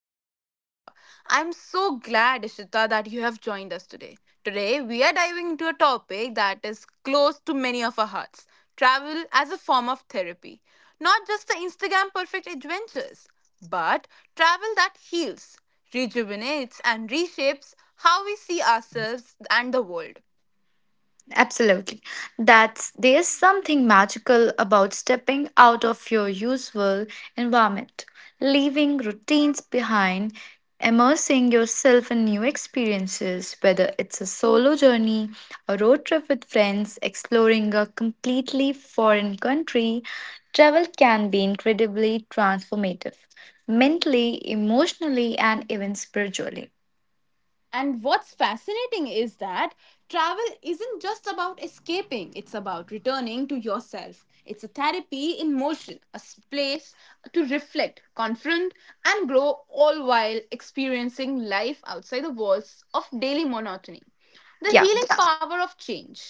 friend Ishita. I'm so glad Ishita that you have joined us today. Today we are diving into a topic that is close to many of our hearts. Travel as a form of therapy. Not just the Instagram perfect adventures, but travel that heals, rejuvenates and reshapes how we see ourselves and the world. Absolutely. That's there's something magical about stepping out of your usual environment, leaving routines behind, immersing yourself in new experiences, whether it's a solo journey, a road trip with friends, exploring a completely foreign country, travel can be incredibly transformative, mentally, emotionally, and even spiritually. And what's fascinating is that travel isn't just about escaping, it's about returning to yourself. It's a therapy in motion, a space to reflect, confront, and grow, all while experiencing life outside the walls of daily monotony. The Yeah. healing power of change.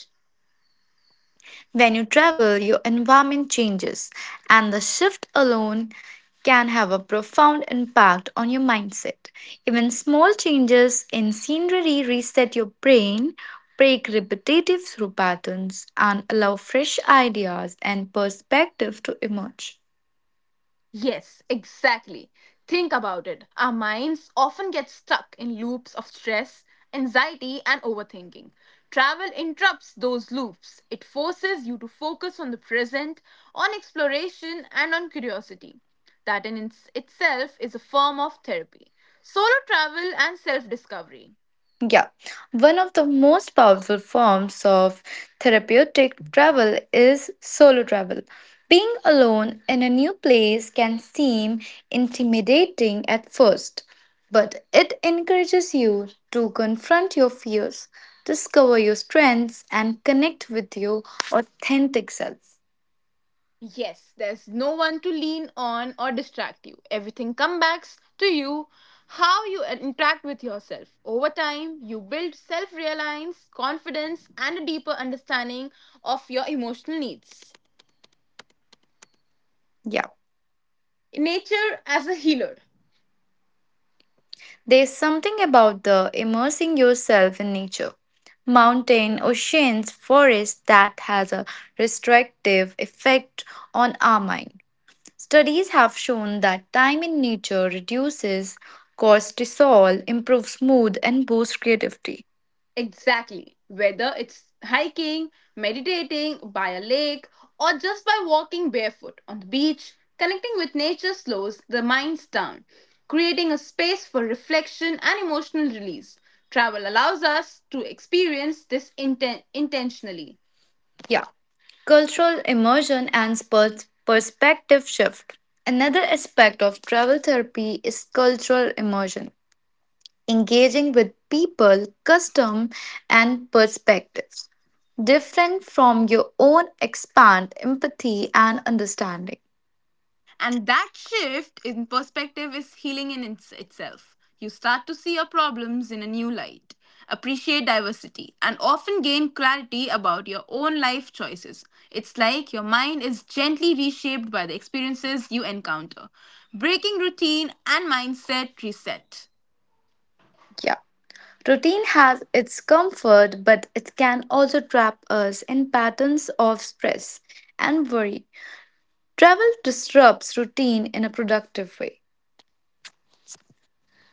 When you travel, your environment changes, and the shift alone can have a profound impact on your mindset. Even small changes in scenery reset your brain, break repetitive through patterns, and allow fresh ideas and perspective to emerge. Yes, exactly. Think about it. Our minds often get stuck in loops of stress, anxiety, and overthinking. Travel interrupts those loops. It forces you to focus on the present, on exploration, and on curiosity. That in itself is a form of therapy. Solo travel and self discovery. Yeah, one of the most powerful forms of therapeutic travel is solo travel. Being alone in a new place can seem intimidating at first, but it encourages you to confront your fears, discover your strengths, and connect with your authentic self. Yes, there's no one to lean on or distract you. Everything comes back to you, how you interact with yourself. Over time, you build self reliance, confidence, and a deeper understanding of your emotional needs. Yeah. Nature as a healer. There's something about the immersing yourself in nature. Mountain, oceans, forests that has a restrictive effect on our mind. Studies have shown that time in nature reduces cortisol, improves mood, and boosts creativity. Exactly. Whether it's hiking, meditating by a lake, or just by walking barefoot on the beach, connecting with nature slows the minds down, creating a space for reflection and emotional release. Travel allows us to experience this intentionally. Yeah, cultural immersion and perspective shift. Another aspect of travel therapy is cultural immersion. Engaging with people, custom, and perspectives different from your own expand empathy and understanding. And that shift in perspective is healing in itself. You start to see your problems in a new light, appreciate diversity, and often gain clarity about your own life choices. It's like your mind is gently reshaped by the experiences you encounter. Breaking routine and mindset reset. Yeah. Routine has its comfort, but it can also trap us in patterns of stress and worry. Travel disrupts routine in a productive way.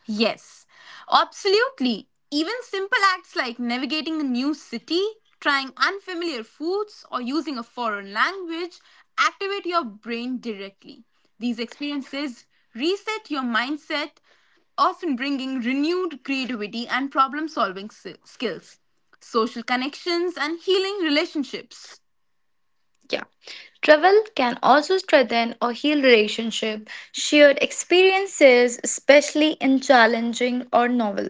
Yes, absolutely. Even simple acts like navigating a new city, trying unfamiliar foods, or using a foreign language activate your brain directly. These experiences reset your mindset, often bringing renewed creativity and problem solving skills, social connections, and healing relationships. Yeah. Travel can also strengthen or heal relationship. Shared experiences, especially in challenging or novel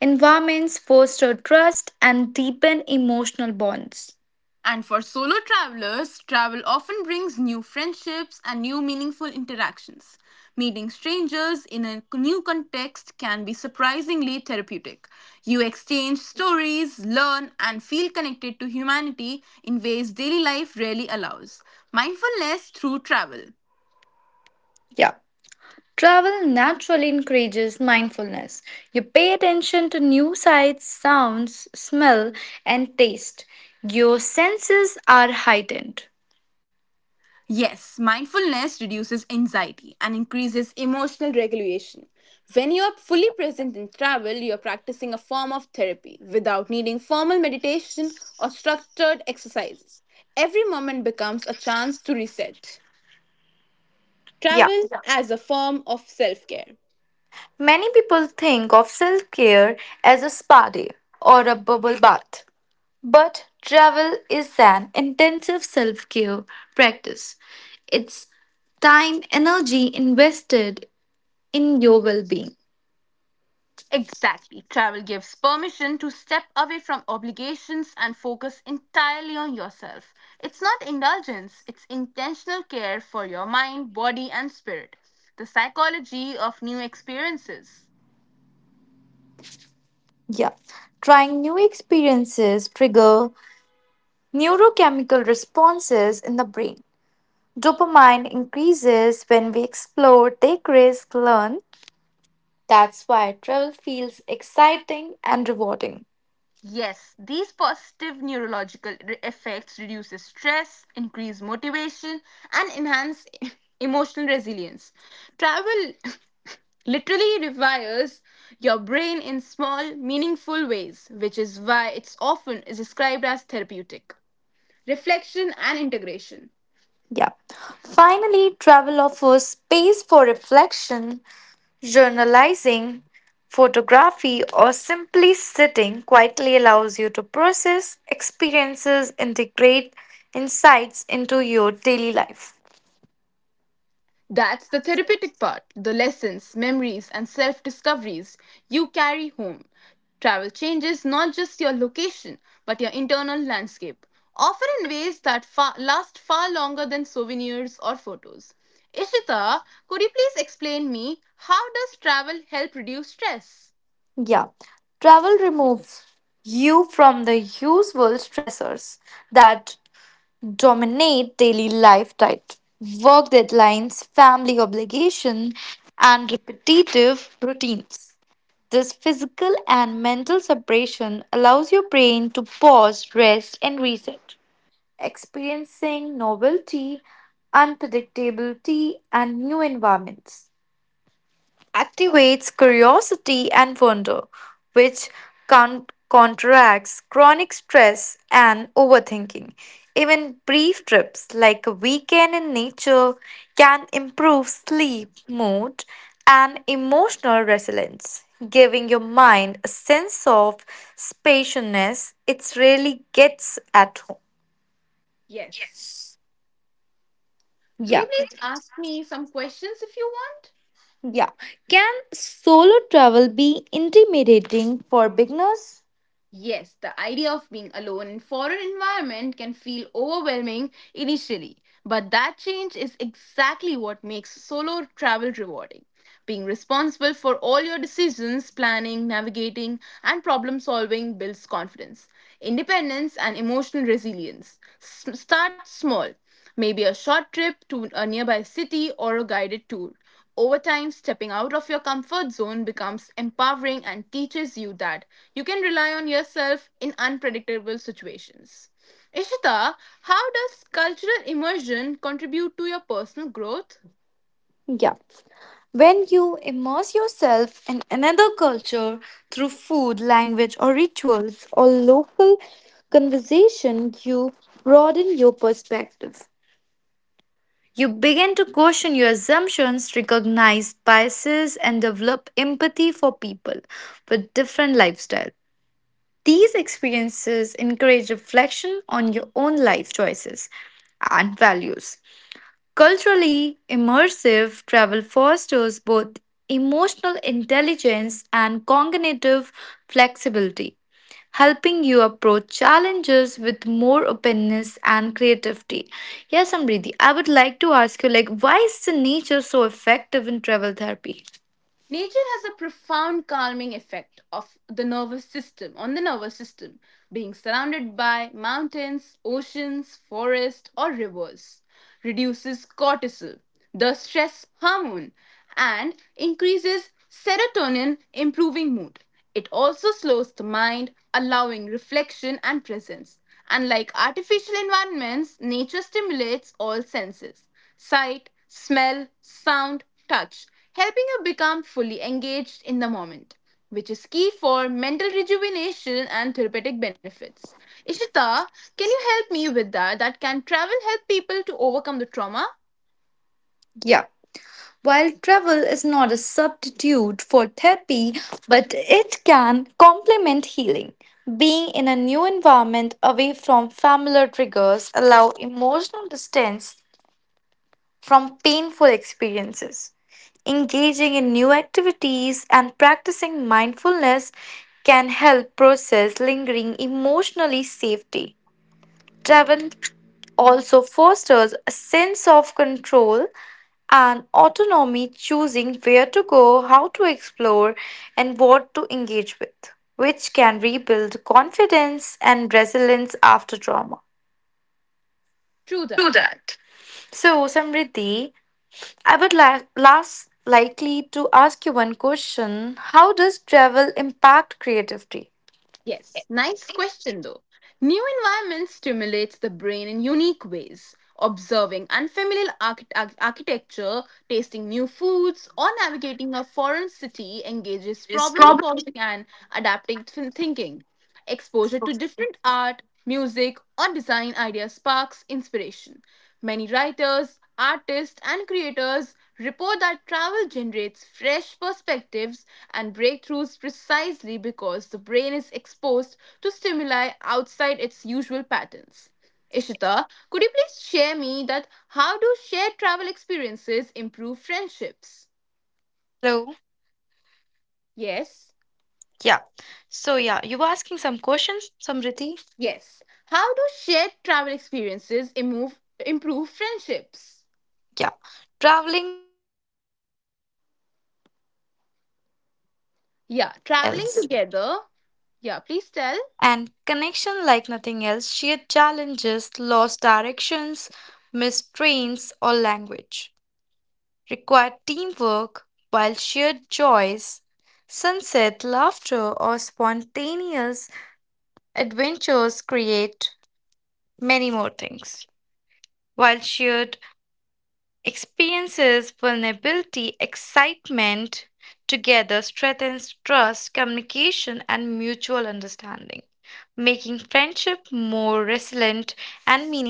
environments, foster trust and deepen emotional bonds. And for solo travelers, travel often brings new friendships and new meaningful interactions. Meeting strangers in a new context can be surprisingly therapeutic. You exchange stories, learn, and feel connected to humanity in ways daily life rarely allows. Mindfulness through travel. Yeah. Travel naturally encourages mindfulness. You pay attention to new sights, sounds, smell, and taste. Your senses are heightened. Yes, mindfulness reduces anxiety and increases emotional regulation. When you are fully present in travel, you are practicing a form of therapy without needing formal meditation or structured exercises. Every moment becomes a chance to reset. Yeah. Travel as a form of self care. Many people think of self care as a spa day or a bubble bath. But travel is an intensive self care practice. It's time, energy invested in your well being. Exactly. Travel gives permission to step away from obligations and focus entirely on yourself. It's not indulgence, it's intentional care for your mind, body, and spirit. The psychology of new experiences. Yeah. Trying new experiences trigger neurochemical responses in the brain. Dopamine increases when we explore, take risks, learn. That's why travel feels exciting and rewarding. Yes, these positive neurological effects reduce stress, increase motivation, and enhance emotional resilience. Travel literally rewires your brain in small, meaningful ways, which is why it's often is described as therapeutic. Reflection and integration. Yeah. Finally, travel offers space for reflection. Journalizing, photography, or simply sitting quietly allows you to process experiences, integrate insights into your daily life. That's the therapeutic part, the lessons, memories, and self discoveries you carry home. Travel changes not just your location, but your internal landscape, often in ways that last far longer than souvenirs or photos. Ishita, could you please explain me how does travel help reduce stress? Yeah, travel removes you from the usual stressors that dominate daily life type work deadlines family obligation and repetitive routines. This physical and mental separation allows your brain to pause, rest, and reset, experiencing novelty, unpredictability, and new environments activates curiosity and wonder, which con- counteracts chronic stress and overthinking. Even brief trips like a weekend in nature can improve sleep, mood, and emotional resilience, giving your mind a sense of spaciousness it rarely gets at home. Yes. Could Yeah, you please ask me some questions if you want? yeah. Can solo travel be intimidating for beginners? Yes, the idea of being alone in foreign environment can feel overwhelming initially, but that change is exactly what makes solo travel rewarding. Being responsible for all your decisions, planning, navigating, and problem solving builds confidence, independence, and emotional resilience. Start small, maybe a short trip to a nearby city or a guided tour. Over time, stepping out of your comfort zone becomes empowering and teaches you that you can rely on yourself in unpredictable situations. Ishita, how does cultural immersion contribute to your personal growth? Yeah. When you immerse yourself in another culture through food, language, or rituals, or local conversation, you broaden your perspective. You begin to question your assumptions, recognize biases, and develop empathy for people with different lifestyles. These experiences encourage reflection on your own life choices and values. Culturally immersive travel fosters both emotional intelligence and cognitive flexibility, helping you approach challenges with more openness and creativity. Yes, Amriti, I would like to ask you like why is the nature so effective in travel therapy? Nature has a profound calming effect of the nervous system on the nervous system being surrounded by mountains, oceans, forests or rivers reduces cortisol, the stress hormone, and increases serotonin improving mood. It also slows the mind allowing reflection and presence. Unlike artificial environments, nature stimulates all senses, sight, smell, sound, touch, helping you become fully engaged in the moment, which is key for mental rejuvenation and therapeutic benefits. Ishita, can you help me with that? That can travel help people to overcome the trauma? Yeah. While travel is not a substitute for therapy, but it can complement healing. Being in a new environment away from familiar triggers allow emotional distance from painful experiences. Engaging in new activities and practicing mindfulness can help process lingering emotionally safety. Travel also fosters a sense of control and autonomy, choosing where to go, how to explore, and what to engage with, which can rebuild confidence and resilience after trauma. True that. That. So, Samriddhi, I would last likely to ask you one question. How does travel impact creativity? Yes, nice question though. New environments stimulates the brain in unique ways. Observing unfamiliar architecture, tasting new foods, or navigating a foreign city engages problem solving and adaptive thinking. Exposure to different art, music, or design ideas sparks inspiration. Many writers, artists, and creators report that travel generates fresh perspectives and breakthroughs precisely because the brain is exposed to stimuli outside its usual patterns. Ishita, could you please share me that how do shared travel experiences improve friendships? So, Yes. yeah. So, yeah, you were asking some questions, Samriti? Yes. How do shared travel experiences improve friendships? Yeah. Traveling Yeah, traveling else. together. Yeah, please tell. And connection like nothing else, shared challenges, lost directions, missed trains, or language. Required teamwork, while shared joys, sunset, laughter, or spontaneous adventures create many more things. While shared experiences, vulnerability, excitement together strengthens trust, communication, and mutual understanding, making friendship more resilient and meaningful.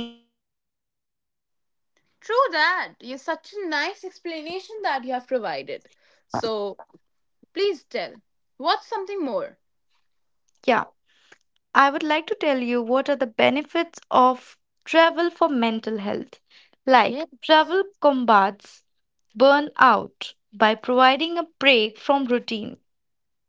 True that. You're such a nice explanation that you have provided. So please tell, what's something more? Yeah, I would like to tell you what are the benefits of travel for mental health. Like, Yes. travel combats burnout by providing a break from routine.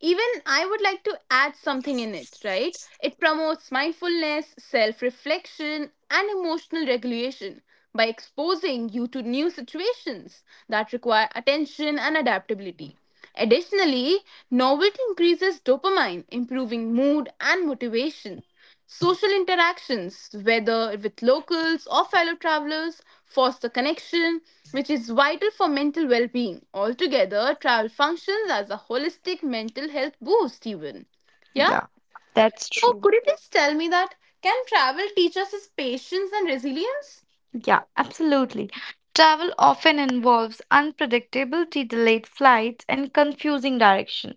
Even I would like to add something in it, right? It promotes mindfulness, self reflection, and emotional regulation by exposing you to new situations that require attention and adaptability. Additionally, novelty increases dopamine, improving mood and motivation. Social interactions, whether with locals or fellow travelers, foster connection, which is vital for mental well being. Altogether, travel functions as a holistic mental health boost, even. Yeah? Yeah, that's So, true. could you please tell me that? Can travel teach us is patience and resilience? Yeah, absolutely. Travel often involves unpredictability, delayed flights, and confusing direction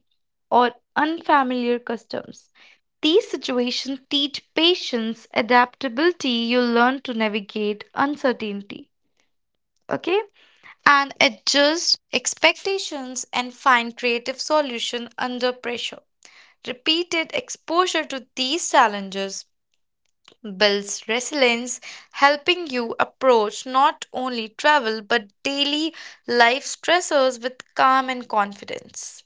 or unfamiliar customs. These situations teach patience, adaptability, you learn to navigate uncertainty. Okay? And adjust expectations and find creative solution under pressure. Repeated exposure to these challenges builds resilience, helping you approach not only travel but daily life stressors with calm and confidence.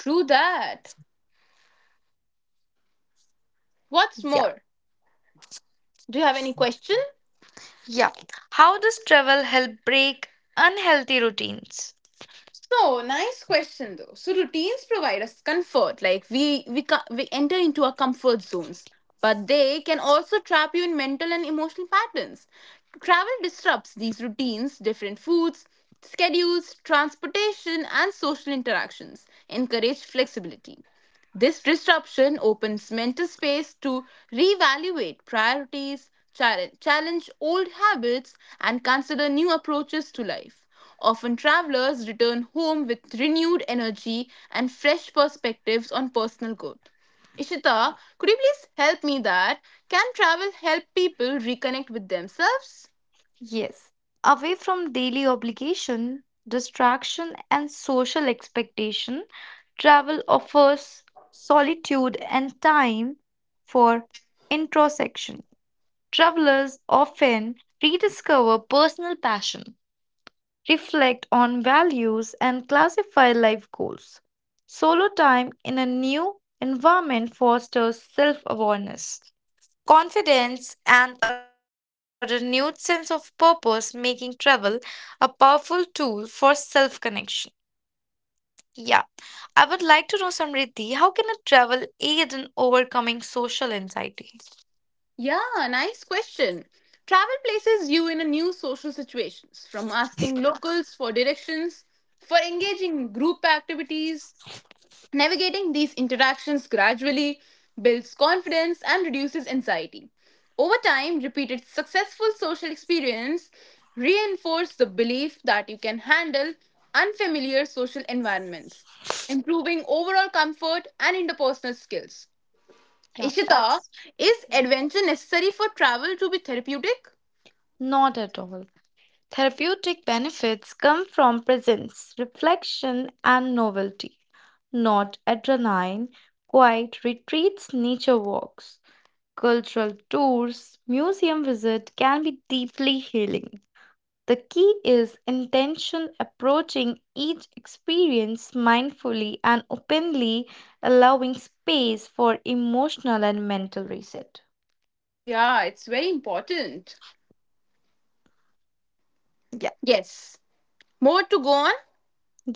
True that. What's Yeah. more? Do you have any question? Yeah. How does travel help break unhealthy routines? So nice question though. So routines provide us comfort. Like we enter into our comfort zones, but they can also trap you in mental and emotional patterns. Travel disrupts these routines, different foods, schedules, transportation, and social interactions. Encourage flexibility. This disruption opens mental space to reevaluate priorities, challenge old habits, and consider new approaches to life. Often, travelers return home with renewed energy and fresh perspectives on personal growth. Ishita, could you please help me that? Can travel help people reconnect with themselves? Yes. Away from daily obligation, distraction, and social expectation, travel offers solitude and time for introspection. Travelers often rediscover personal passion, reflect on values, and classify life goals. Solo time in a new environment fosters self awareness, confidence, and a renewed sense of purpose, making travel a powerful tool for self connection. Yeah, I would like to know, Samriddhi, how can a travel aid in overcoming social anxiety? Yeah, nice question. Travel places you in a new social situations, from asking locals for directions, for engaging in group activities. Navigating these interactions gradually builds confidence and reduces anxiety. Over time, repeated successful social experience reinforce the belief that you can handle unfamiliar social environments, improving overall comfort and interpersonal skills. Yeah, Ishita, that's is yeah. adventure necessary for travel to be therapeutic? Not at all. Therapeutic benefits come from presence, reflection, and novelty, not adrenaline. Quiet retreats, nature walks, cultural tours, museum visit can be deeply healing. The key is intention approaching each experience mindfully and openly, allowing space for emotional and mental reset. Yeah, it's very important. Yes. More to go on?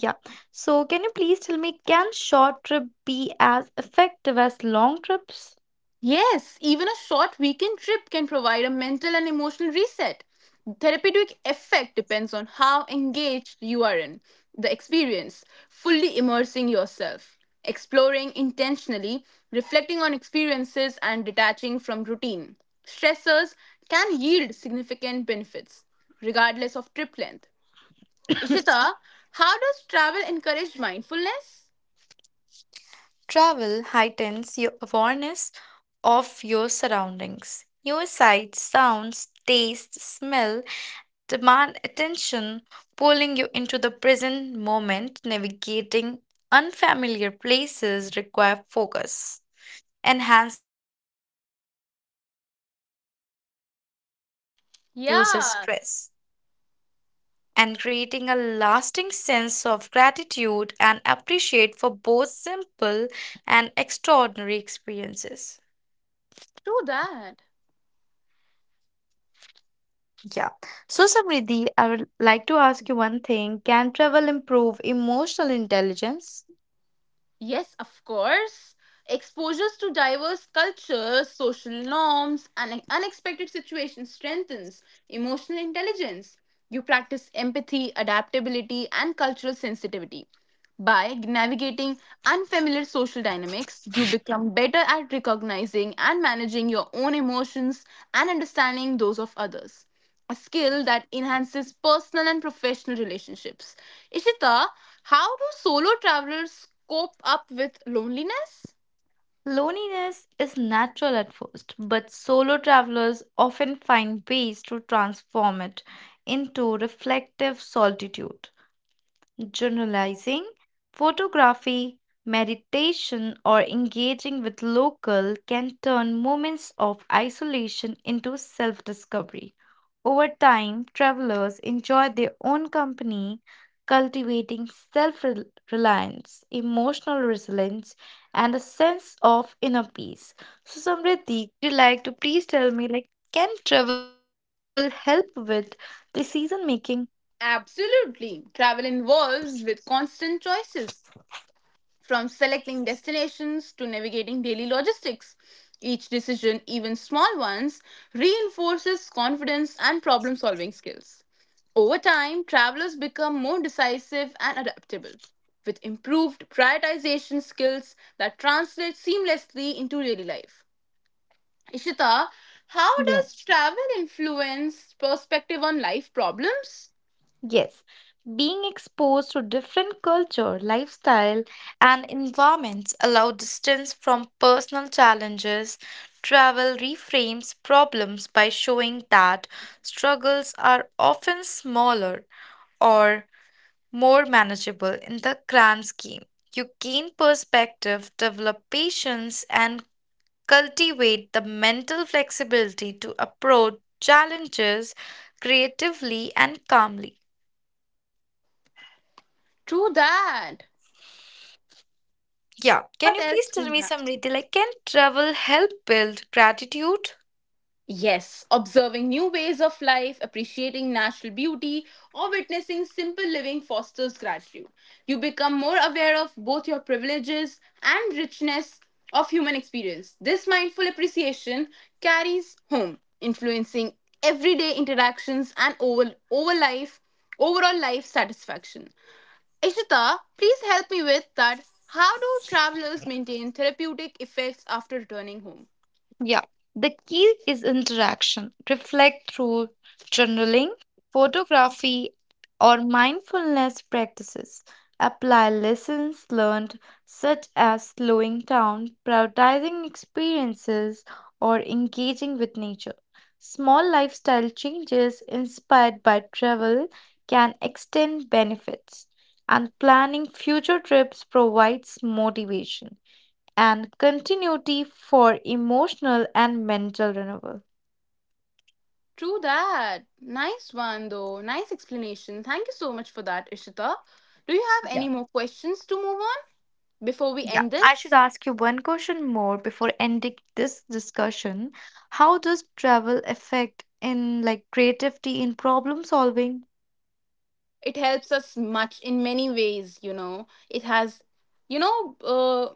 Yeah. So, can you please tell me, can short trip be as effective as long trips? Yes, even a short weekend trip can provide a mental and emotional reset. Therapeutic effect depends on how engaged you are in the experience, fully immersing yourself, exploring intentionally, reflecting on experiences, and detaching from routine. Stressors can yield significant benefits regardless of trip length. Ishita, how does travel encourage mindfulness? Travel heightens your awareness of your surroundings. Your sight, sounds, taste, smell demand attention, pulling you into the present moment. Navigating unfamiliar places require focus. Enhanced. Reduces Yeah, stress and creating a lasting sense of gratitude and appreciate for both simple and extraordinary experiences. true that. Yeah. So, Samriddhi, I would like to ask you one thing. Can travel improve emotional intelligence? Yes, of course. Exposures to diverse cultures, social norms, and unexpected situations strengthens emotional intelligence. You practice empathy, adaptability, and cultural sensitivity. By navigating unfamiliar social dynamics, you become better at recognizing and managing your own emotions and understanding those of others. A skill that enhances personal and professional relationships. Ishita, how do solo travelers cope up with loneliness? Loneliness is natural at first, but solo travelers often find ways to transform it into reflective solitude. Journalizing, photography, meditation, or engaging with local can turn moments of isolation into self discovery. Over time, travelers enjoy their own company, cultivating self reliance, emotional resilience, and a sense of inner peace. So, Samriddhi, would you like to please tell me, like, can travel help with decision making? Absolutely. Travel involves with constant choices, from selecting destinations to navigating daily logistics. Each decision, even small ones, reinforces confidence and problem solving skills. Over time, travelers become more decisive and adaptable, with improved prioritization skills that translate seamlessly into daily life. Ishita, how Yeah. does travel influence perspective on life problems? Yes, being exposed to different culture, lifestyle, and environments allow distance from personal challenges. Travel reframes problems by showing that struggles are often smaller or more manageable in the grand scheme. You gain perspective, develop patience, and cultivate the mental flexibility to approach challenges creatively and calmly. True that. Yeah, can What you else please do tell you me have? some Riti? Like, can travel help build gratitude? Yes, observing new ways of life, appreciating natural beauty, or witnessing simple living fosters gratitude. You become more aware of both your privileges and richness of human experience. This mindful appreciation carries home, influencing everyday interactions and overall life satisfaction. Ishita, please help me with that. How do travelers maintain therapeutic effects after returning home? Yeah, the key is interaction. Reflect through journaling, photography, or mindfulness practices. Apply lessons learned, such as slowing down, prioritizing experiences, or engaging with nature. Small lifestyle changes inspired by travel can extend benefits, and planning future trips provides motivation and continuity for emotional and mental renewal. True that. Nice one, though. Nice explanation. Thank you so much for that, Ishita. Do you have any more questions to move on before we end I should this? ask you one question more before ending this discussion. How does travel affect in like creativity in problem solving? It helps us much in many ways, you know. It has, you know,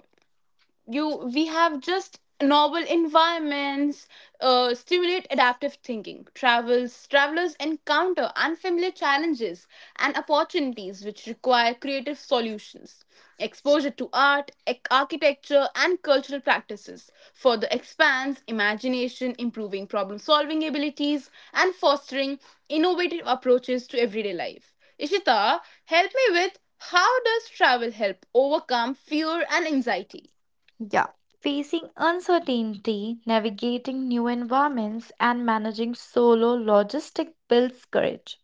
you we have just novel environments stimulate adaptive thinking. Travels Travelers encounter unfamiliar challenges and opportunities which require creative solutions. Exposure to art, architecture and cultural practices further expands imagination, improving problem solving abilities and fostering innovative approaches to everyday life. Ishita, help me with how does travel help overcome fear and anxiety. Yeah. Facing uncertainty, navigating new environments, and managing solo logistic builds courage.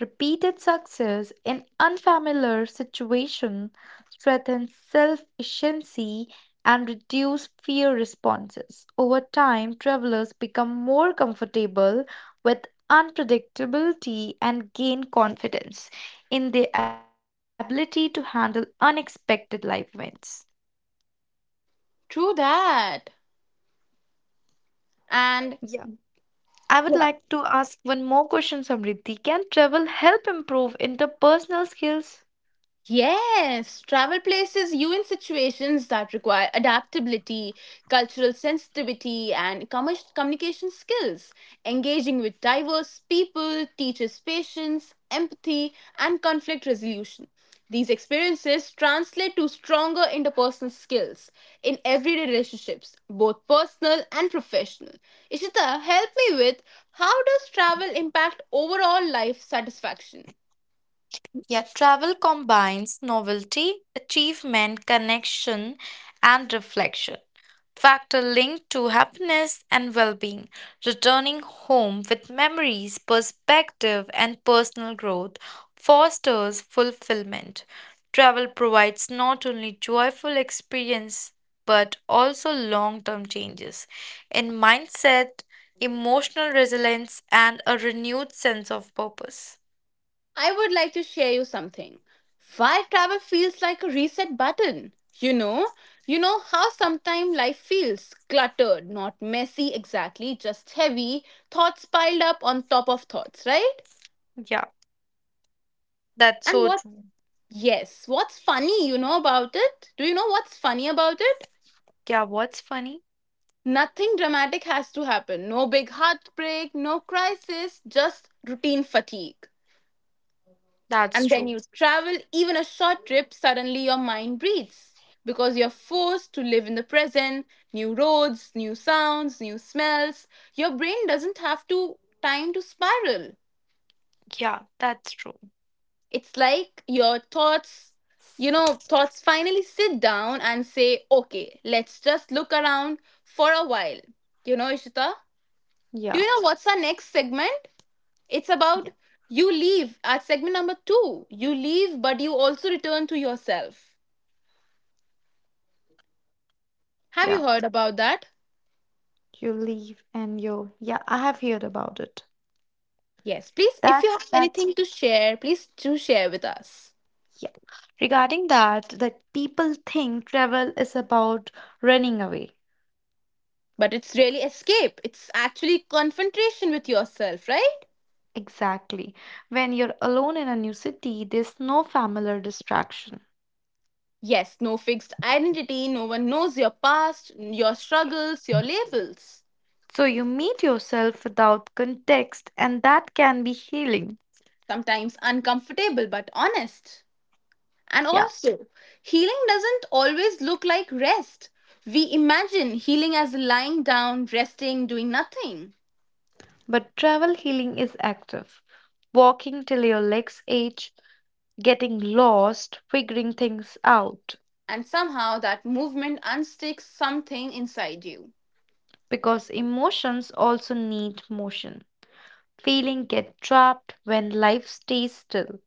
Repeated success in unfamiliar situations strengthens self-efficiency and reduce fear responses. Over time, travelers become more comfortable with unpredictability and gain confidence in their ability to handle unexpected life events. True that. And Yeah. I would yeah. like to ask one more question, Samriddhi. Can travel help improve interpersonal skills? Yes, travel places you in situations that require adaptability, cultural sensitivity, and communication skills. Engaging with diverse people teaches patience, empathy, and conflict resolution. These experiences translate to stronger interpersonal skills in everyday relationships, both personal and professional. Ishita, help me with how does travel impact overall life satisfaction? Yeah, travel combines novelty, achievement, connection, and reflection. Factor linked to happiness and well being. Returning home with memories, perspective, and personal growth fosters fulfillment. Travel provides not only joyful experience but also long term changes in mindset, emotional resilience, and a renewed sense of purpose. I would like to share you something. Why travel feels like a reset button. You know how sometimes life feels cluttered, not messy exactly, just heavy, thoughts piled up on top of thoughts, right? Yeah, that's And so what true. yes, what's funny, you know about it? Do you know what's funny about it? Yeah, what's funny? Nothing dramatic has to happen. No big heartbreak, no crisis, just routine fatigue. That's And then true. you travel, even a short trip, suddenly your mind breathes because you're forced to live in the present. New roads, new sounds, new smells. Your brain doesn't have to time to spiral. Yeah, that's true. It's like your thoughts, you know, thoughts finally sit down and say okay, let's just look around for a while. You know Ishita, do Yeah, you know what's our next segment? It's about, yeah, you leave at segment number 2. You leave but you also return to yourself. Have you yeah. heard about that? You leave and you, I have heard about it. Yes, please, if you have That's, anything to share, please do share with us. yeah. Regarding that people think travel is about running away. But it's really escape. It's actually confrontation with yourself, right? Exactly. When you're alone in a new city, there's no familiar distraction. Yes, no fixed identity, no one knows your past, your struggles, your labels. So you meet yourself without context, and that can be healing. Sometimes uncomfortable, but honest. And Yeah. also, healing doesn't always look like rest. We imagine healing as lying down, resting, doing nothing. But travel healing is active. Walking till your legs ache, getting lost, figuring things out. And somehow that movement unsticks something inside you. Because emotions also need motion. Feeling get trapped when life stays still.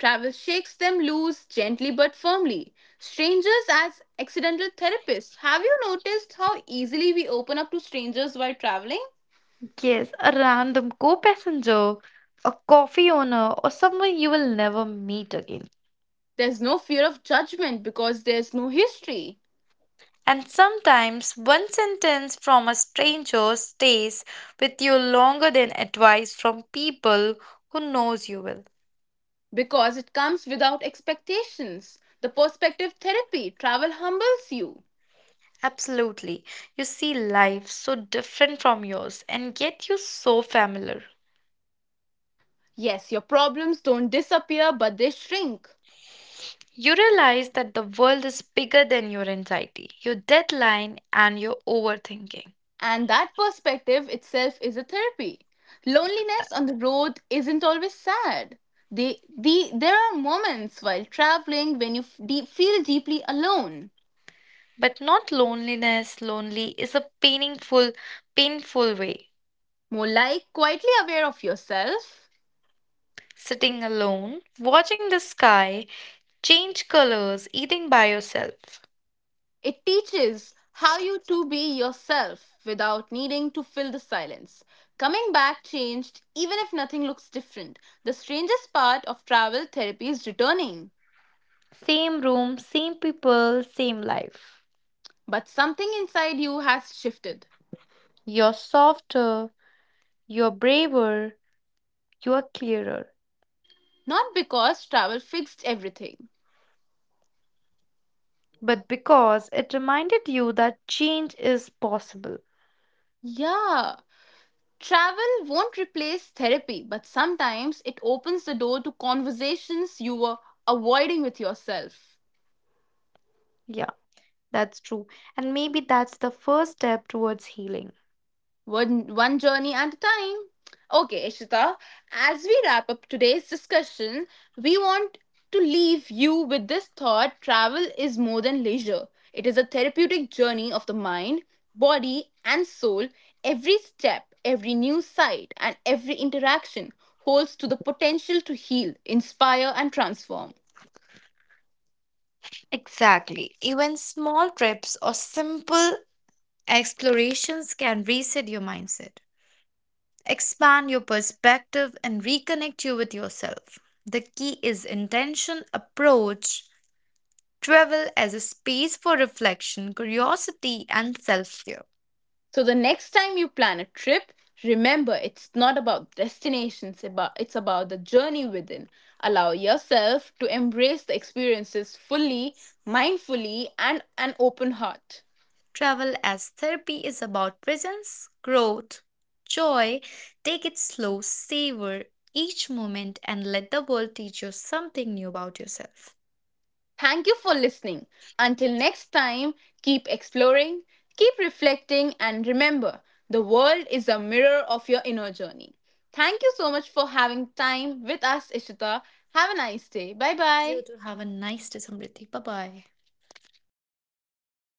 Travel shakes them loose gently but firmly. Strangers as accidental therapists. Have you noticed how easily we open up to strangers while traveling? Yes, a random co passenger, a coffee owner, or someone you will never meet again. There's no fear of judgment because there's no history, And sometimes one sentence from a stranger stays with you longer than advice from people who knows you well. because it comes without expectations. The perspective therapy, travel humbles you. Absolutely. You see life so different from yours and yet you so familiar. Yes, your problems don't disappear but they shrink. You realize that the world is bigger than your anxiety, your deadline, and your overthinking. And that perspective itself is a therapy. Loneliness on the road isn't always sad. There are moments while traveling when you feel deeply alone, But not loneliness. Lonely is a painful, painful way. more like quietly aware of yourself. Sitting alone, watching the sky change colors, eating by yourself. It teaches how you to be yourself without needing to fill the silence. Coming back changed, even if nothing looks different. The strangest part of travel therapy is returning, Same room, same people, same life. but something inside you has shifted. You're softer, you're braver, you're clearer. Not because travel fixed everything. But because it reminded you that change is possible. Yeah, travel won't replace therapy, but sometimes it opens the door to conversations you were avoiding with yourself. Yeah. That's true. And maybe that's the first step towards healing. One journey at a time. Okay, Ishita, as we wrap up today's discussion, we want to leave you with this thought, travel is more than leisure. It is a therapeutic journey of the mind, body, and soul. Every step, every new sight, and every interaction holds to the potential to heal, inspire, and transform. Exactly. Even small trips or simple explorations can reset your mindset, expand your perspective, and reconnect you with yourself. The key is intention, approach, travel as a space for reflection, curiosity, and self care. So the next time you plan a trip, remember it's not about destinations, about it's about the journey within. Allow yourself to embrace the experiences fully, mindfully, and an open heart. Travel as therapy is about presence, growth, joy. Take it slow, savor each moment, and let the world teach you something new about yourself. Thank you for listening. Until next time, keep exploring, keep reflecting, and remember the world is a mirror of your inner journey. Thank you so much for having time with us, Ishita. Have a nice day. Bye You bye. too have a nice day, Samriddhi. Bye bye.